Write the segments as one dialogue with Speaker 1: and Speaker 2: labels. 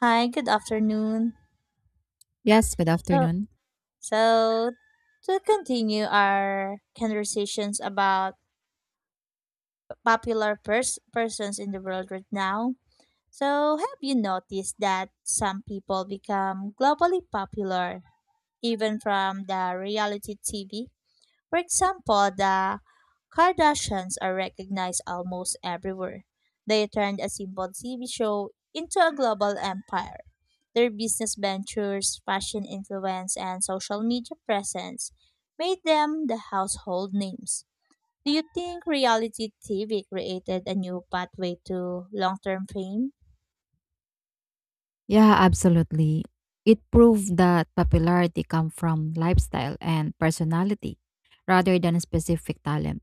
Speaker 1: Hi, good afternoon.
Speaker 2: Yes, good
Speaker 1: So,
Speaker 2: afternoon.
Speaker 1: so to continue our conversations about popular persons in the world right now. So, have you noticed that some people become globally popular even from the reality TV? For example, the Kardashians are recognized almost everywhere. They turned a simple TV show into a global empire. Their business ventures, fashion influence, and social media presence made them the household names. Do you think reality TV created a new pathway to long term fame?
Speaker 2: Yeah, absolutely. It proved that popularity comes from lifestyle and personality rather than specific talent.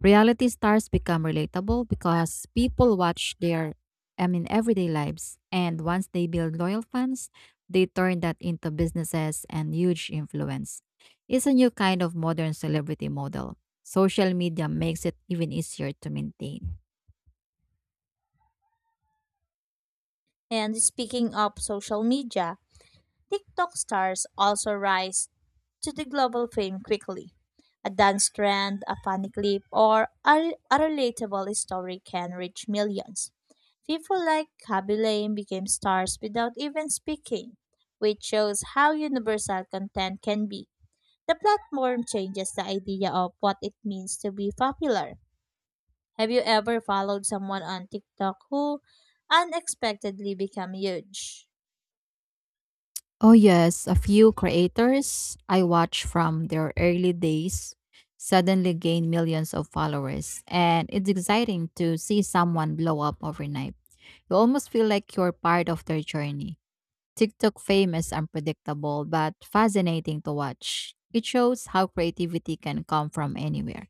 Speaker 2: Reality stars become relatable because people watch their everyday lives, and once they build loyal fans, they turn that into businesses and huge influence. It's a new kind of modern celebrity model. Social media makes it even easier to maintain.
Speaker 1: And speaking of social media, TikTok stars also rise to the global fame quickly. A dance trend, a funny clip, or a relatable story can reach millions. People like Kaby Lame became stars without even speaking, which shows how universal content can be. The platform changes the idea of what it means to be popular. Have you ever followed someone on TikTok who unexpectedly became huge?
Speaker 2: Oh, yes, a few creators I watch from their early days suddenly gain millions of followers, and it's exciting to see someone blow up overnight. You almost feel like you're part of their journey. TikTok fame is unpredictable but fascinating to watch. It shows how creativity can come from anywhere.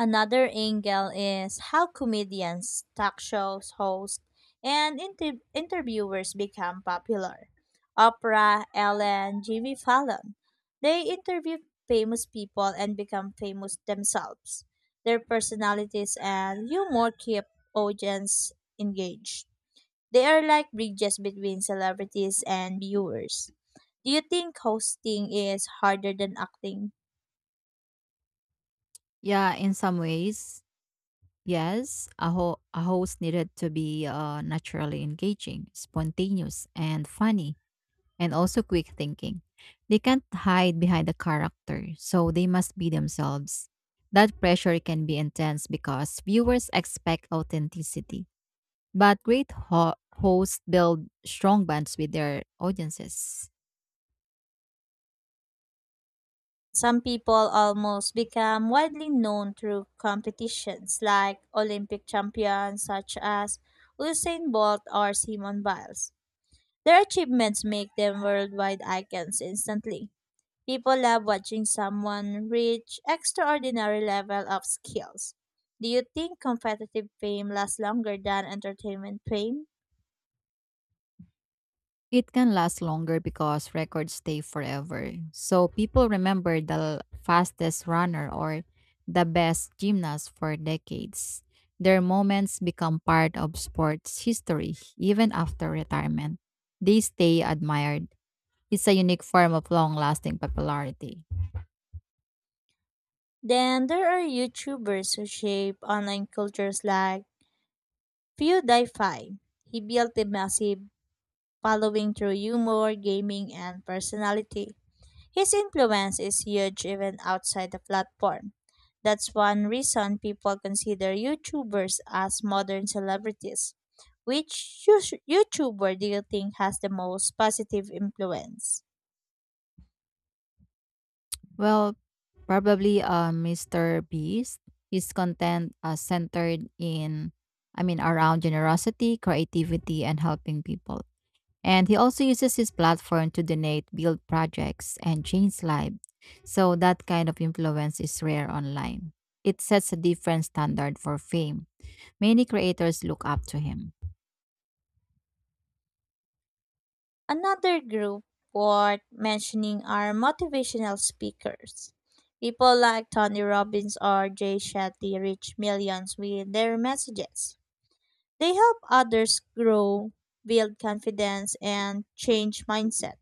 Speaker 1: Another angle is how comedians, talk shows hosts, and interviewers become popular. Oprah, Ellen, Jimmy Fallon. They interview famous people and become famous themselves. Their personalities and humor keep audience engaged. They are like bridges between celebrities and viewers. Do you think hosting is harder than acting?
Speaker 2: Yeah, in some ways, yes, a host needed to be naturally engaging, spontaneous, and funny, and also quick thinking. They can't hide behind a character, so they must be themselves. That pressure can be intense because viewers expect authenticity. But great hosts build strong bonds with their audiences.
Speaker 1: Some people almost become widely known through competitions like Olympic champions such as Usain Bolt or Simone Biles. Their achievements make them worldwide icons instantly. People love watching someone reach extraordinary level of skills. Do you think competitive fame lasts longer than entertainment fame?
Speaker 2: It can last longer because records stay forever. So people remember the fastest runner or the best gymnast for decades. Their moments become part of sports history even after retirement. They stay admired. It's a unique form of long lasting popularity.
Speaker 1: Then there are YouTubers who shape online cultures like Pewdiepie. He built a massive following through humor, gaming, and personality. His influence is huge even outside the platform. That's one reason people consider YouTubers as modern celebrities. Which YouTuber do you think has the most positive influence?
Speaker 2: Well, probably Mr. Beast. His content centered around generosity, creativity, and helping people. And he also uses his platform to donate, build projects, and change lives. So that kind of influence is rare online. It sets a different standard for fame. Many creators look up to him.
Speaker 1: Another group worth mentioning are motivational speakers. People like Tony Robbins or Jay Shetty reach millions with their messages. They help others grow, build confidence, and change mindset.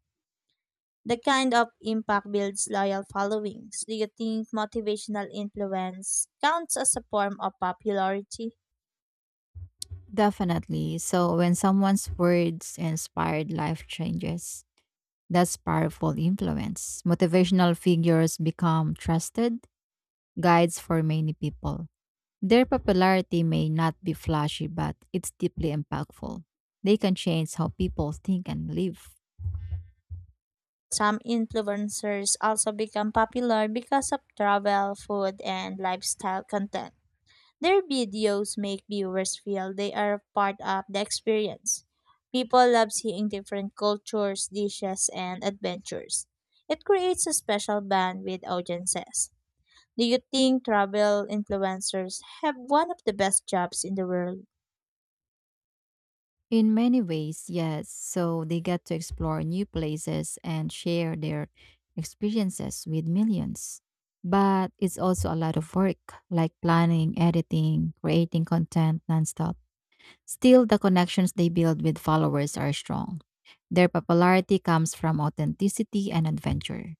Speaker 1: The kind of impact builds loyal followings. Do you think motivational influence counts as a form of popularity?
Speaker 2: Definitely. So when someone's words inspired life changes, that's powerful influence. Motivational figures become trusted guides for many people. Their popularity may not be flashy, but it's deeply impactful. They can change how people think and live.
Speaker 1: Some influencers also become popular because of travel, food, and lifestyle content. Their videos make viewers feel they are part of the experience. People love seeing different cultures, dishes, and adventures. It creates a special bond with audiences. Do you think travel influencers have one of the best jobs in the world?
Speaker 2: In many ways, yes, so they get to explore new places and share their experiences with millions. But it's also a lot of work, like planning, editing, creating content nonstop. Still, the connections they build with followers are strong. Their popularity comes from authenticity and adventure.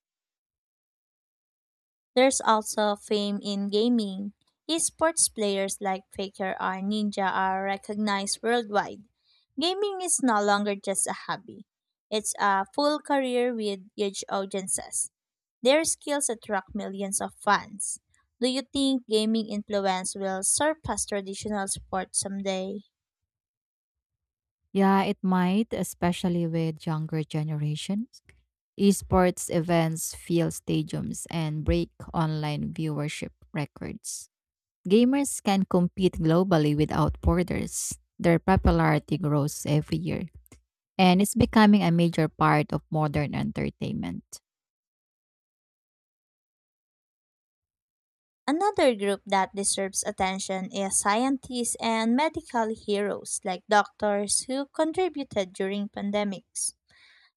Speaker 1: There's also fame in gaming. Esports players like Faker or Ninja are recognized worldwide. Gaming is no longer just a hobby. It's a full career with huge audiences. Their skills attract millions of fans. Do you think gaming influence will surpass traditional sports someday?
Speaker 2: Yeah, it might, especially with younger generations. Esports events fill stadiums and break online viewership records. Gamers can compete globally without borders. Their popularity grows every year, and it's becoming a major part of modern entertainment.
Speaker 1: Another group that deserves attention is scientists and medical heroes like doctors who contributed during pandemics.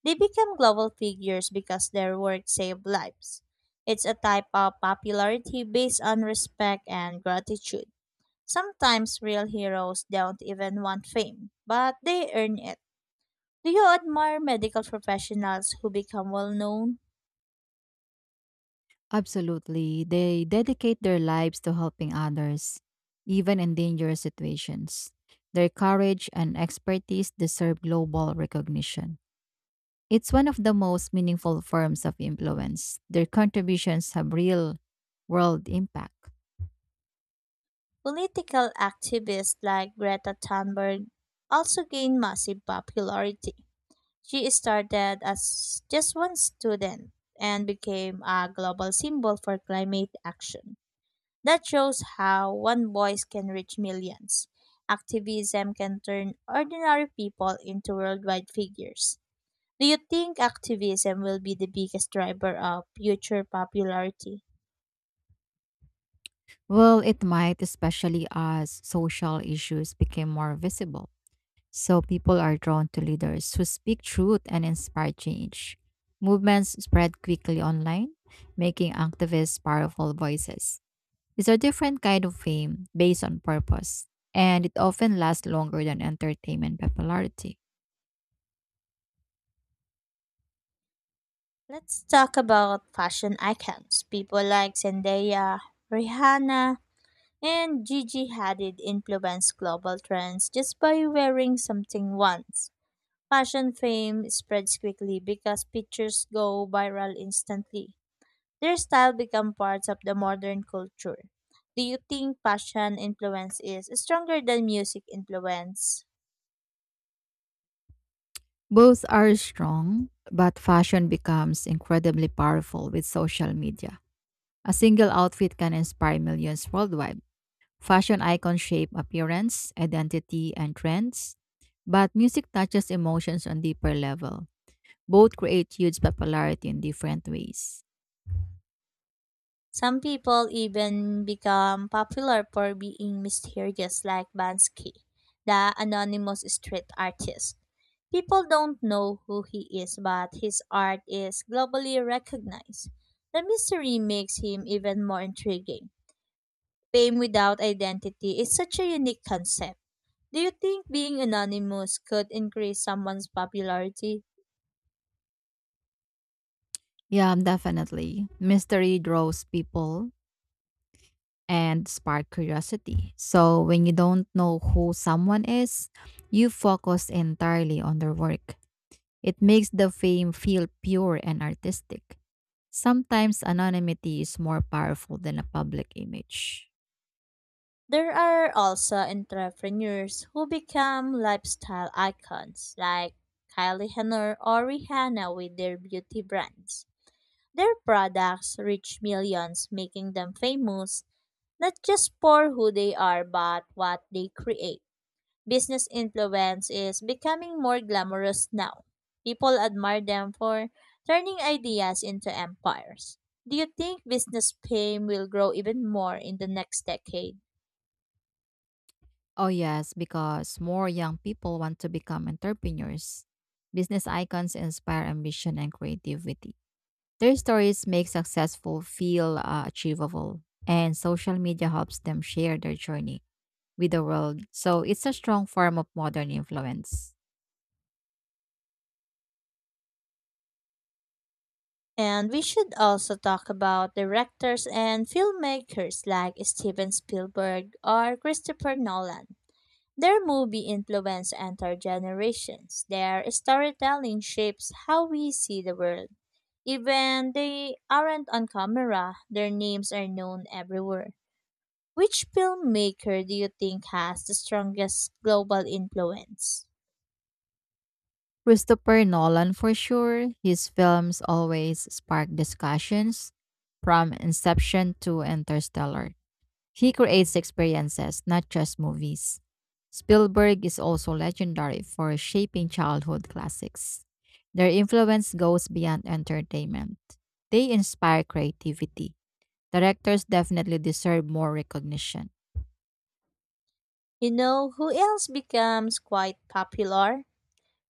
Speaker 1: They become global figures because their work saved lives. It's a type of popularity based on respect and gratitude. Sometimes real heroes don't even want fame, but they earn it. Do you admire medical professionals who become well known?
Speaker 2: Absolutely. They dedicate their lives to helping others, even in dangerous situations. Their courage and expertise deserve global recognition. It's one of the most meaningful forms of influence. Their contributions have real world impact.
Speaker 1: Political activists like Greta Thunberg also gain massive popularity. She started as just one student and became a global symbol for climate action. That shows how one voice can reach millions. Activism can turn ordinary people into worldwide figures. Do you think activism will be the biggest driver of future popularity?
Speaker 2: Well, it might, especially as social issues became more visible. So people are drawn to leaders who speak truth and inspire change. Movements spread quickly online, making activists powerful voices. It's a different kind of fame based on purpose, and it often lasts longer than entertainment popularity.
Speaker 1: Let's talk about fashion icons. People like Zendaya, Rihanna, and Gigi Hadid influence global trends just by wearing something once. Fashion fame spreads quickly because pictures go viral instantly. Their style become parts of the modern culture. Do you think fashion influence is stronger than music influence?
Speaker 2: Both are strong, but fashion becomes incredibly powerful with social media. A single outfit can inspire millions worldwide. Fashion icons shape appearance, identity, and trends, but music touches emotions on deeper level. Both create huge popularity in different ways.
Speaker 1: Some people even become popular for being mysterious like Bansky, the anonymous street artist. People don't know who he is, but his art is globally recognized. The mystery makes him even more intriguing. Fame without identity is such a unique concept. Do you think being anonymous could increase someone's popularity?
Speaker 2: Yeah, definitely. Mystery draws people and spark curiosity. So when you don't know who someone is, you focus entirely on their work. It makes the fame feel pure and artistic. Sometimes anonymity is more powerful than a public image.
Speaker 1: There are also entrepreneurs who become lifestyle icons, like Kylie Jenner or Rihanna with their beauty brands. Their products reach millions, making them famous not just for who they are but what they create. Business influence is becoming more glamorous now. People admire them for turning ideas into empires. Do you think business fame will grow even more in the next decade?
Speaker 2: Oh, yes, because more young people want to become entrepreneurs. Business icons inspire ambition and creativity. Their stories make successful feel achievable, and social media helps them share their journey with the world. So it's a strong form of modern influence.
Speaker 1: And we should also talk about directors and filmmakers like Steven Spielberg or Christopher Nolan. Their movie influence entire generations. Their storytelling shapes how we see the world. Even they aren't on camera, their names are known everywhere. Which filmmaker do you think has the strongest global influence?
Speaker 2: Christopher Nolan for sure. His films always spark discussions from Inception to Interstellar. He creates experiences, not just movies. Spielberg is also legendary for shaping childhood classics. Their influence goes beyond entertainment. They inspire creativity. Directors definitely deserve more recognition.
Speaker 1: You know who else becomes quite popular?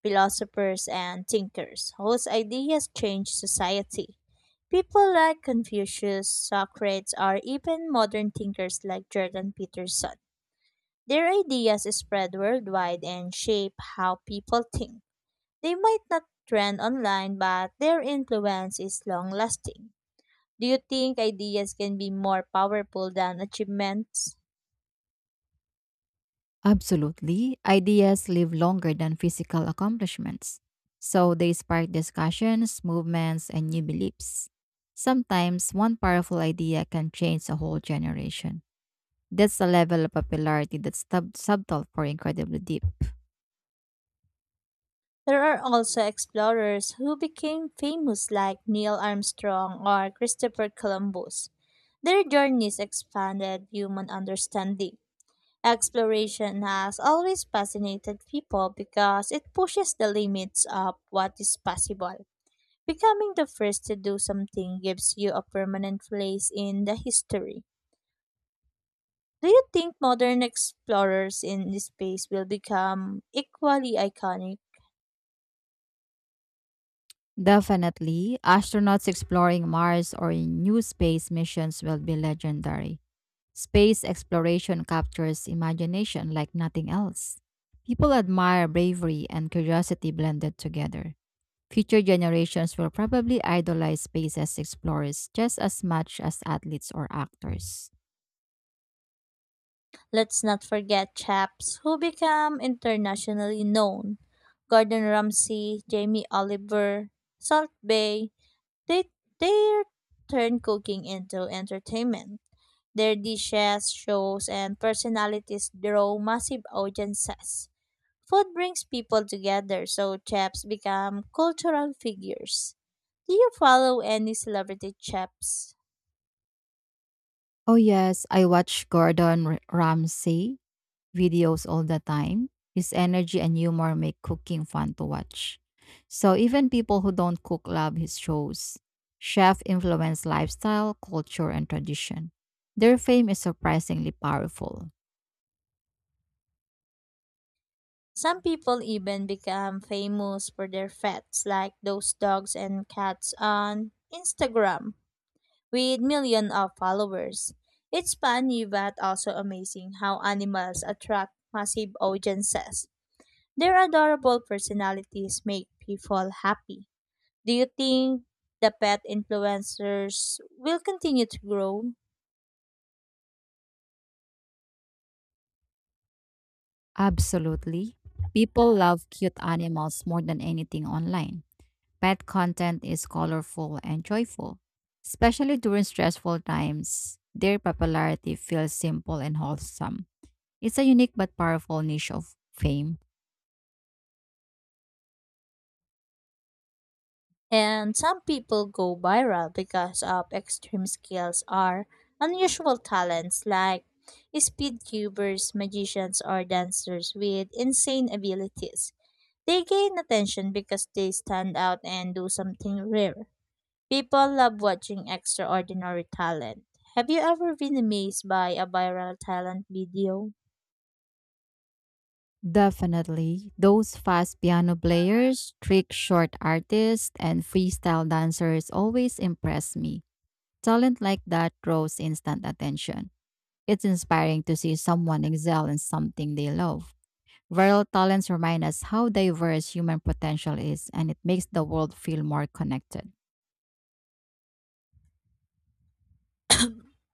Speaker 1: Philosophers and thinkers whose ideas change society. People like Confucius, Socrates, or even modern thinkers like Jordan Peterson. Their ideas spread worldwide and shape how people think. They might not trend online, but their influence is long lasting. Do you think ideas can be more powerful than achievements?
Speaker 2: Absolutely. Ideas live longer than physical accomplishments. So they spark discussions, movements, and new beliefs. Sometimes one powerful idea can change a whole generation. That's a level of popularity that's subtle for incredibly deep.
Speaker 1: There are also explorers who became famous, like Neil Armstrong or Christopher Columbus. Their journeys expanded human understanding. Exploration has always fascinated people because it pushes the limits of what is possible. Becoming the first to do something gives you a permanent place in the history. Do you think modern explorers in space will become equally iconic?
Speaker 2: Definitely, astronauts exploring Mars or in new space missions will be legendary. Space exploration captures imagination like nothing else. People admire bravery and curiosity blended together. Future generations will probably idolize space explorers just as much as athletes or actors.
Speaker 1: Let's not forget chaps who become internationally known. Gordon Ramsay, Jamie Oliver, Salt Bay, they they turn cooking into entertainment. Their dishes, shows, and personalities draw massive audiences. Food brings people together, so chefs become cultural figures. Do you follow any celebrity chefs?
Speaker 2: Oh, yes, I watch Gordon Ramsay videos all the time. His energy and humor make cooking fun to watch. So, even people who don't cook love his shows. Chef influence lifestyle, culture, and tradition. Their fame is surprisingly powerful.
Speaker 1: Some people even become famous for their pets, like those dogs and cats on Instagram with millions of followers. It's funny but also amazing how animals attract massive audiences. Their adorable personalities make people happy. Do you think the pet influencers will continue to grow?
Speaker 2: Absolutely. People love cute animals more than anything online. Pet content is colorful and joyful, especially during stressful times. Their popularity feels simple and wholesome. It's a unique but powerful niche of fame.
Speaker 1: And some people go viral because of extreme skills or unusual talents like speed cubers, magicians, or dancers with insane abilities. They gain attention because they stand out and do something rare. People love watching extraordinary talent. Have you ever been amazed by a viral talent video?
Speaker 2: Definitely, those fast piano players, trick short artists, and freestyle dancers always impress me. Talent like that draws instant attention. It's inspiring to see someone excel in something they love. Viral talents remind us how diverse human potential is, and it makes the world feel more connected.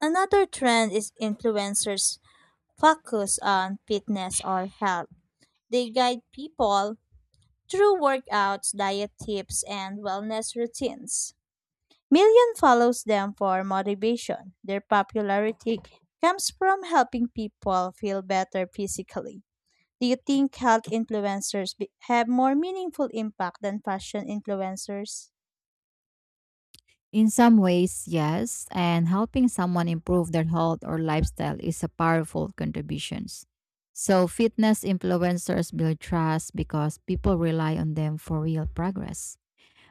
Speaker 1: Another trend is influencers focus on fitness or health. They guide people through workouts, diet tips, and wellness routines. Million follows them for motivation. Their popularity comes from helping people feel better physically. Do you think health influencers have more meaningful impact than fashion influencers?
Speaker 2: In some ways, yes, and helping someone improve their health or lifestyle is a powerful contribution. So, fitness influencers build trust because people rely on them for real progress.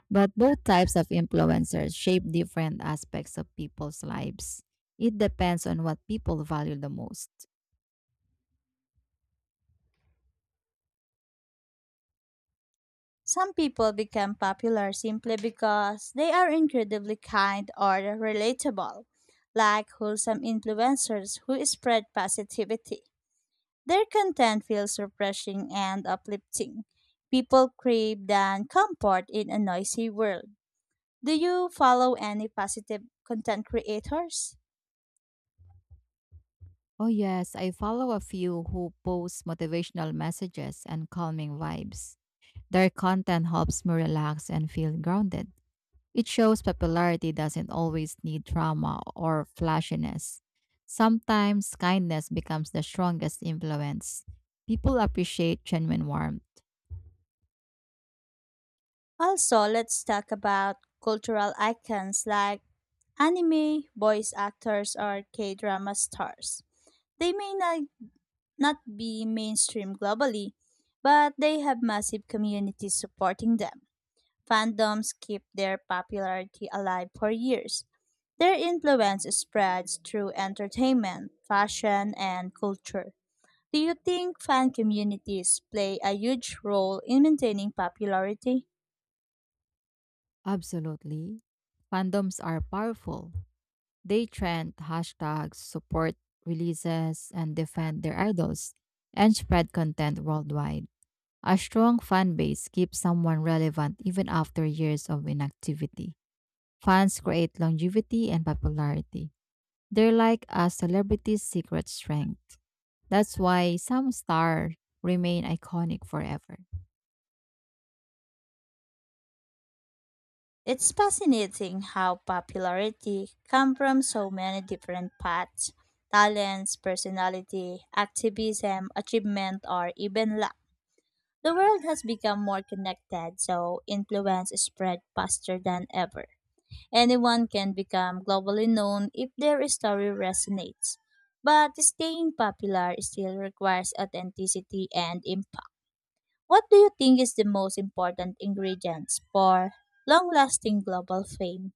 Speaker 2: But both types of influencers shape different aspects of people's lives. It depends on what people value the most.
Speaker 1: Some people become popular simply because they are incredibly kind or relatable, like wholesome influencers who spread positivity. Their content feels refreshing and uplifting. People crave than comfort in a noisy world. Do you follow any positive content creators?
Speaker 2: Oh, yes, I follow a few who post motivational messages and calming vibes. Their content helps me relax and feel grounded. It shows popularity doesn't always need drama or flashiness. Sometimes kindness becomes the strongest influence. People appreciate genuine warmth.
Speaker 1: Also, let's talk about cultural icons like anime, voice actors, or K drama stars they may not be mainstream globally, but they have massive communities supporting them. Fandoms keep their popularity alive for years. Their influence spreads through entertainment, fashion, and culture. Do you think fan communities play a huge role in maintaining popularity?
Speaker 2: Absolutely. Fandoms are powerful. They trend hashtags, support releases, and defend their idols, and spread content worldwide. A strong fan base keeps someone relevant even after years of inactivity. Fans create longevity and popularity. They're like a celebrity's secret strength. That's why some stars remain iconic forever.
Speaker 1: It's fascinating how popularity comes from so many different paths talents, personality, activism, achievement, or even luck. The world has become more connected, so influence is spread faster than ever. Anyone can become globally known if their story resonates. But staying popular still requires authenticity and impact. What do you think is the most important ingredients for long-lasting global fame?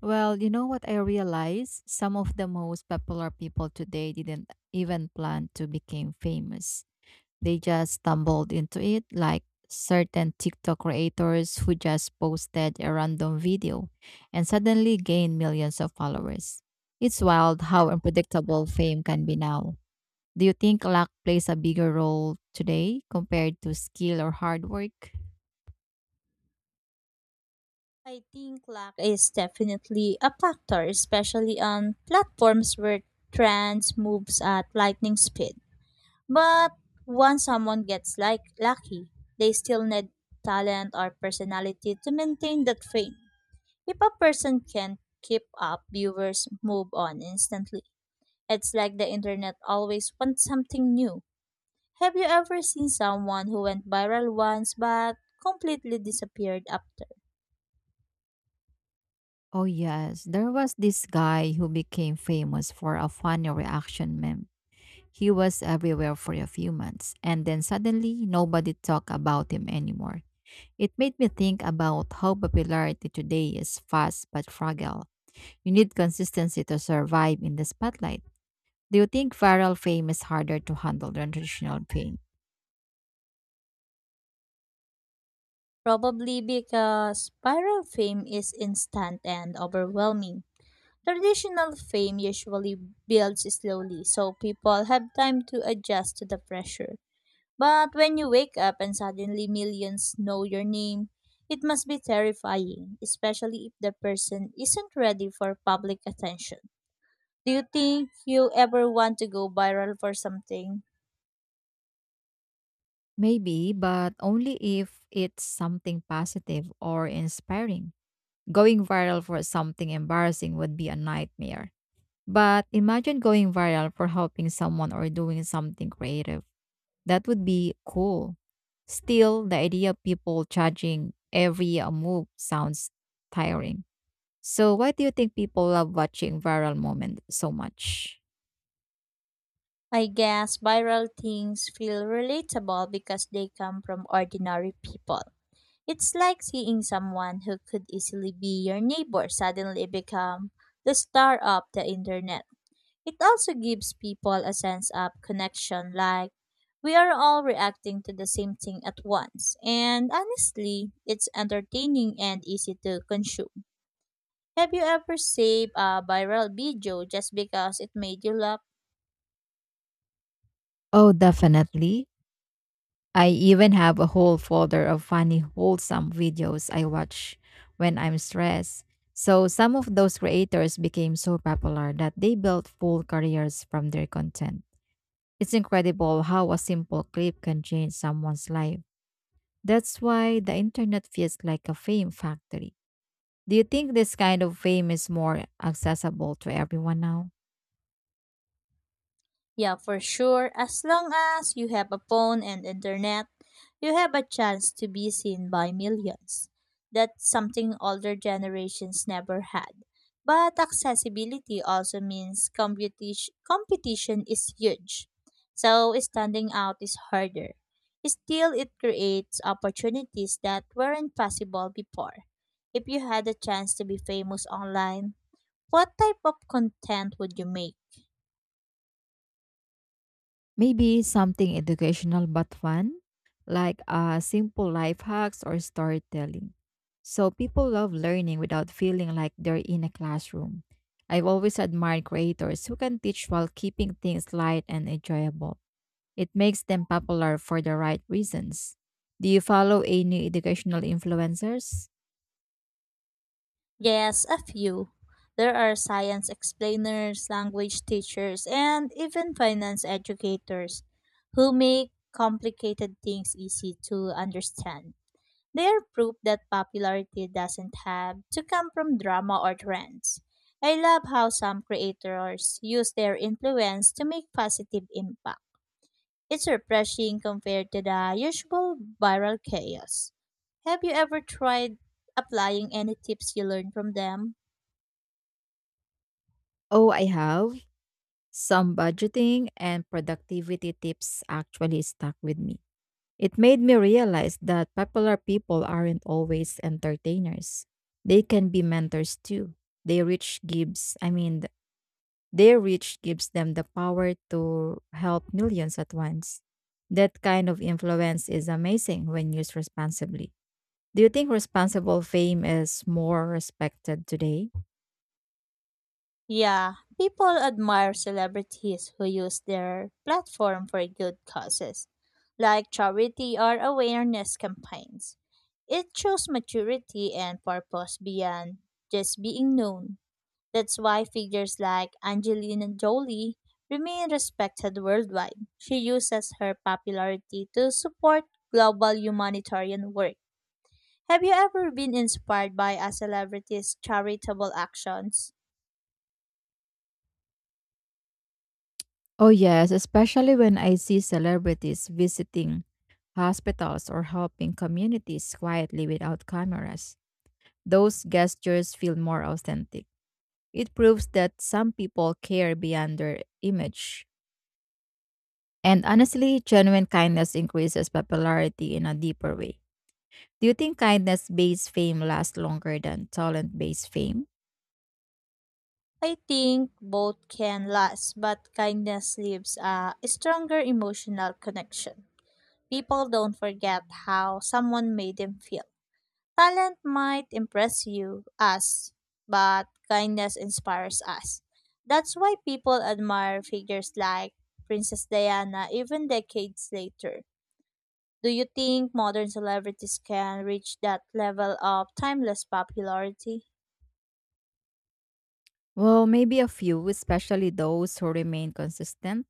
Speaker 2: Well, you know what I realized? Some of the most popular people today didn't even plan to become famous. They just stumbled into it, like certain TikTok creators who just posted a random video and suddenly gained millions of followers. It's wild how unpredictable fame can be now. Do you think luck plays a bigger role today compared to skill or hard work?
Speaker 1: I think luck is definitely a factor, especially on platforms where trends moves at lightning speed. But once someone gets like lucky, they still need talent or personality to maintain that fame. If a person can't keep up, viewers move on instantly. It's like the internet always wants something new. Have you ever seen someone who went viral once but completely disappeared after?
Speaker 2: Oh, yes. There was this guy who became famous for a funny reaction meme. He was everywhere for a few months, and then suddenly nobody talked about him anymore. It made me think about how popularity today is fast but fragile. You need consistency to survive in the spotlight. Do you think viral fame is harder to handle than traditional fame?
Speaker 1: Probably because viral fame is instant and overwhelming. Traditional fame usually builds slowly, so people have time to adjust to the pressure. But when you wake up and suddenly millions know your name, it must be terrifying, especially if the person isn't ready for public attention. Do you think you ever want to go viral for something?
Speaker 2: Maybe, but only if it's something positive or inspiring. Going viral for something embarrassing would be a nightmare. But imagine going viral for helping someone or doing something creative. That would be cool. Still, the idea of people judging every move sounds tiring. So, why do you think people love watching viral moments so much?
Speaker 1: I guess viral things feel relatable because they come from ordinary people. It's like seeing someone who could easily be your neighbor suddenly become the star of the internet. It also gives people a sense of connection, like we are all reacting to the same thing at once. And honestly, it's entertaining and easy to consume. Have you ever saved a viral video just because it made you laugh?
Speaker 2: Oh, definitely. I even have a whole folder of funny, wholesome videos I watch when I'm stressed. So, some of those creators became so popular that they built full careers from their content. It's incredible how a simple clip can change someone's life. That's why the internet feels like a fame factory. Do you think this kind of fame is more accessible to everyone now?
Speaker 1: Yeah, for sure. As long as you have a phone and internet, you have a chance to be seen by millions. That's something older generations never had. But accessibility also means competition is huge. So standing out is harder. Still, it creates opportunities that weren't possible before. If you had a chance to be famous online, what type of content would you make?
Speaker 2: Maybe something educational but fun, like simple life hacks or storytelling. So people love learning without feeling like they're in a classroom. I've always admired creators who can teach while keeping things light and enjoyable. It makes them popular for the right reasons. Do you follow any educational influencers?
Speaker 1: Yes, a few. There are science explainers, language teachers, and even finance educators who make complicated things easy to understand. They are proof that popularity doesn't have to come from drama or trends. I love how some creators use their influence to make positive impact. It's refreshing compared to the usual viral chaos. Have you ever tried applying any tips you learned from them?
Speaker 2: Oh, I have. Some budgeting and productivity tips actually stuck with me. It made me realize that popular people aren't always entertainers. They can be mentors too. They reach gives, I mean, th- Their reach gives them the power to help millions at once. That kind of influence is amazing when used responsibly. Do you think responsible fame is more respected today?
Speaker 1: Yeah, people admire celebrities who use their platform for good causes, like charity or awareness campaigns. It shows maturity and purpose beyond just being known. That's why figures like Angelina Jolie remain respected worldwide. She uses her popularity to support global humanitarian work. Have you ever been inspired by a celebrity's charitable actions?
Speaker 2: Oh, yes, especially when I see celebrities visiting hospitals or helping communities quietly without cameras. Those gestures feel more authentic. It proves that some people care beyond their image. And honestly, genuine kindness increases popularity in a deeper way. Do you think kindness based fame lasts longer than talent based fame?
Speaker 1: I think both can last, but kindness leaves a stronger emotional connection. People don't forget how someone made them feel. Talent might impress us, but kindness inspires us. That's why people admire figures like Princess Diana even decades later. Do you think modern celebrities can reach that level of timeless popularity?
Speaker 2: Well, maybe a few, especially those who remain consistent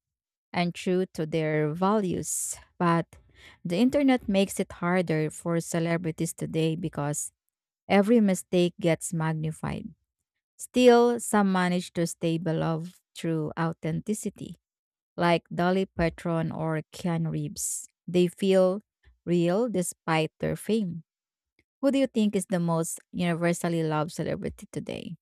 Speaker 2: and true to their values. But the internet makes it harder for celebrities today because every mistake gets magnified. Still, some manage to stay beloved through authenticity, like Dolly Parton or Keanu Reeves. They feel real despite their fame. Who do you think is the most universally loved celebrity today?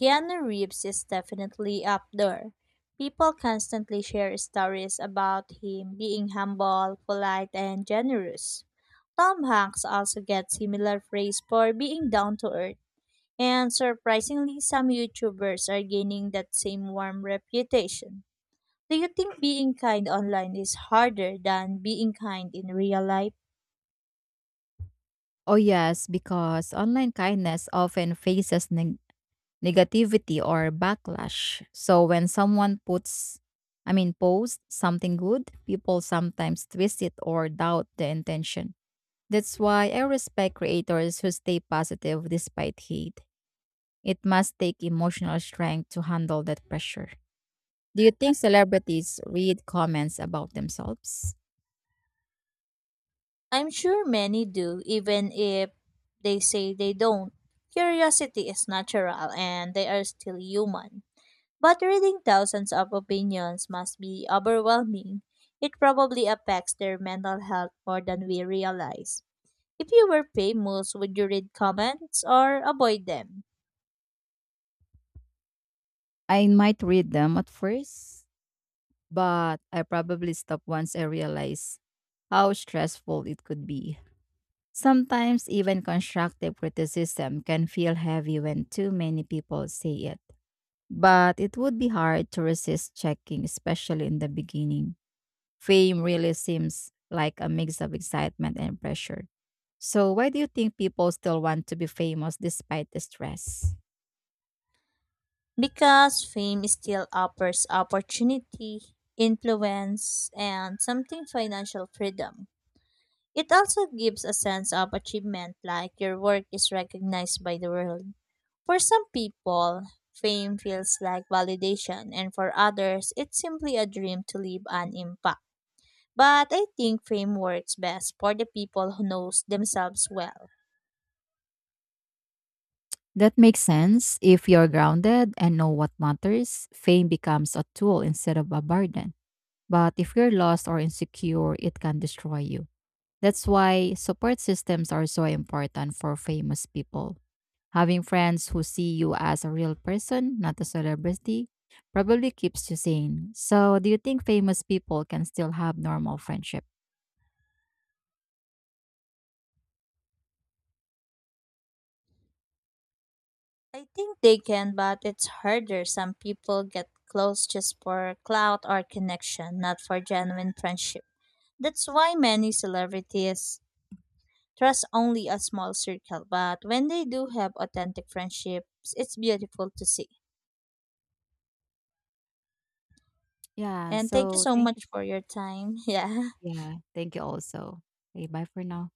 Speaker 1: Keanu Reeves is definitely up there. People constantly share stories about him being humble, polite, and generous. Tom Hanks also gets similar praise for being down to earth, and surprisingly, some YouTubers are gaining that same warm reputation. Do you think being kind online is harder than being kind in real life?
Speaker 2: Oh, yes, because online kindness often faces negativity or backlash. So when someone puts I mean posts something good, people sometimes twist it or doubt the intention. That's why I respect creators who stay positive despite hate. It must take emotional strength to handle that pressure. Do you think celebrities read comments about themselves?
Speaker 1: I'm sure many do, even if they say they don't. Curiosity is natural and they are still human. But reading thousands of opinions must be overwhelming. It probably affects their mental health more than we realize. If you were famous, would you read comments or avoid them?
Speaker 2: I might read them at first, but I probably stopped once I realized how stressful it could be. Sometimes even constructive criticism can feel heavy when too many people say it. But it would be hard to resist checking, especially in the beginning. Fame really seems like a mix of excitement and pressure. So, why do you think people still want to be famous despite the stress?
Speaker 1: Because fame still offers opportunity, influence, and something financial freedom. It also gives a sense of achievement, like your work is recognized by the world. For some people, fame feels like validation, and for others, it's simply a dream to leave an impact. But I think fame works best for the people who knows themselves well.
Speaker 2: That makes sense. If you're grounded and know what matters, fame becomes a tool instead of a burden. But if you're lost or insecure, it can destroy you. That's why support systems are so important for famous people. Having friends who see you as a real person, not a celebrity, probably keeps you sane. So, do you think famous people can still have normal friendship?
Speaker 1: I think they can, but it's harder. Some people get close just for clout or connection, not for genuine friendship. That's why many celebrities Trust only a small circle, but when they do have authentic friendships, it's beautiful to see.
Speaker 2: Yeah,
Speaker 1: And thank you
Speaker 2: so
Speaker 1: so
Speaker 2: thank you.
Speaker 1: much for your time. Yeah.
Speaker 2: Yeah, thank you also. Okay, bye for now.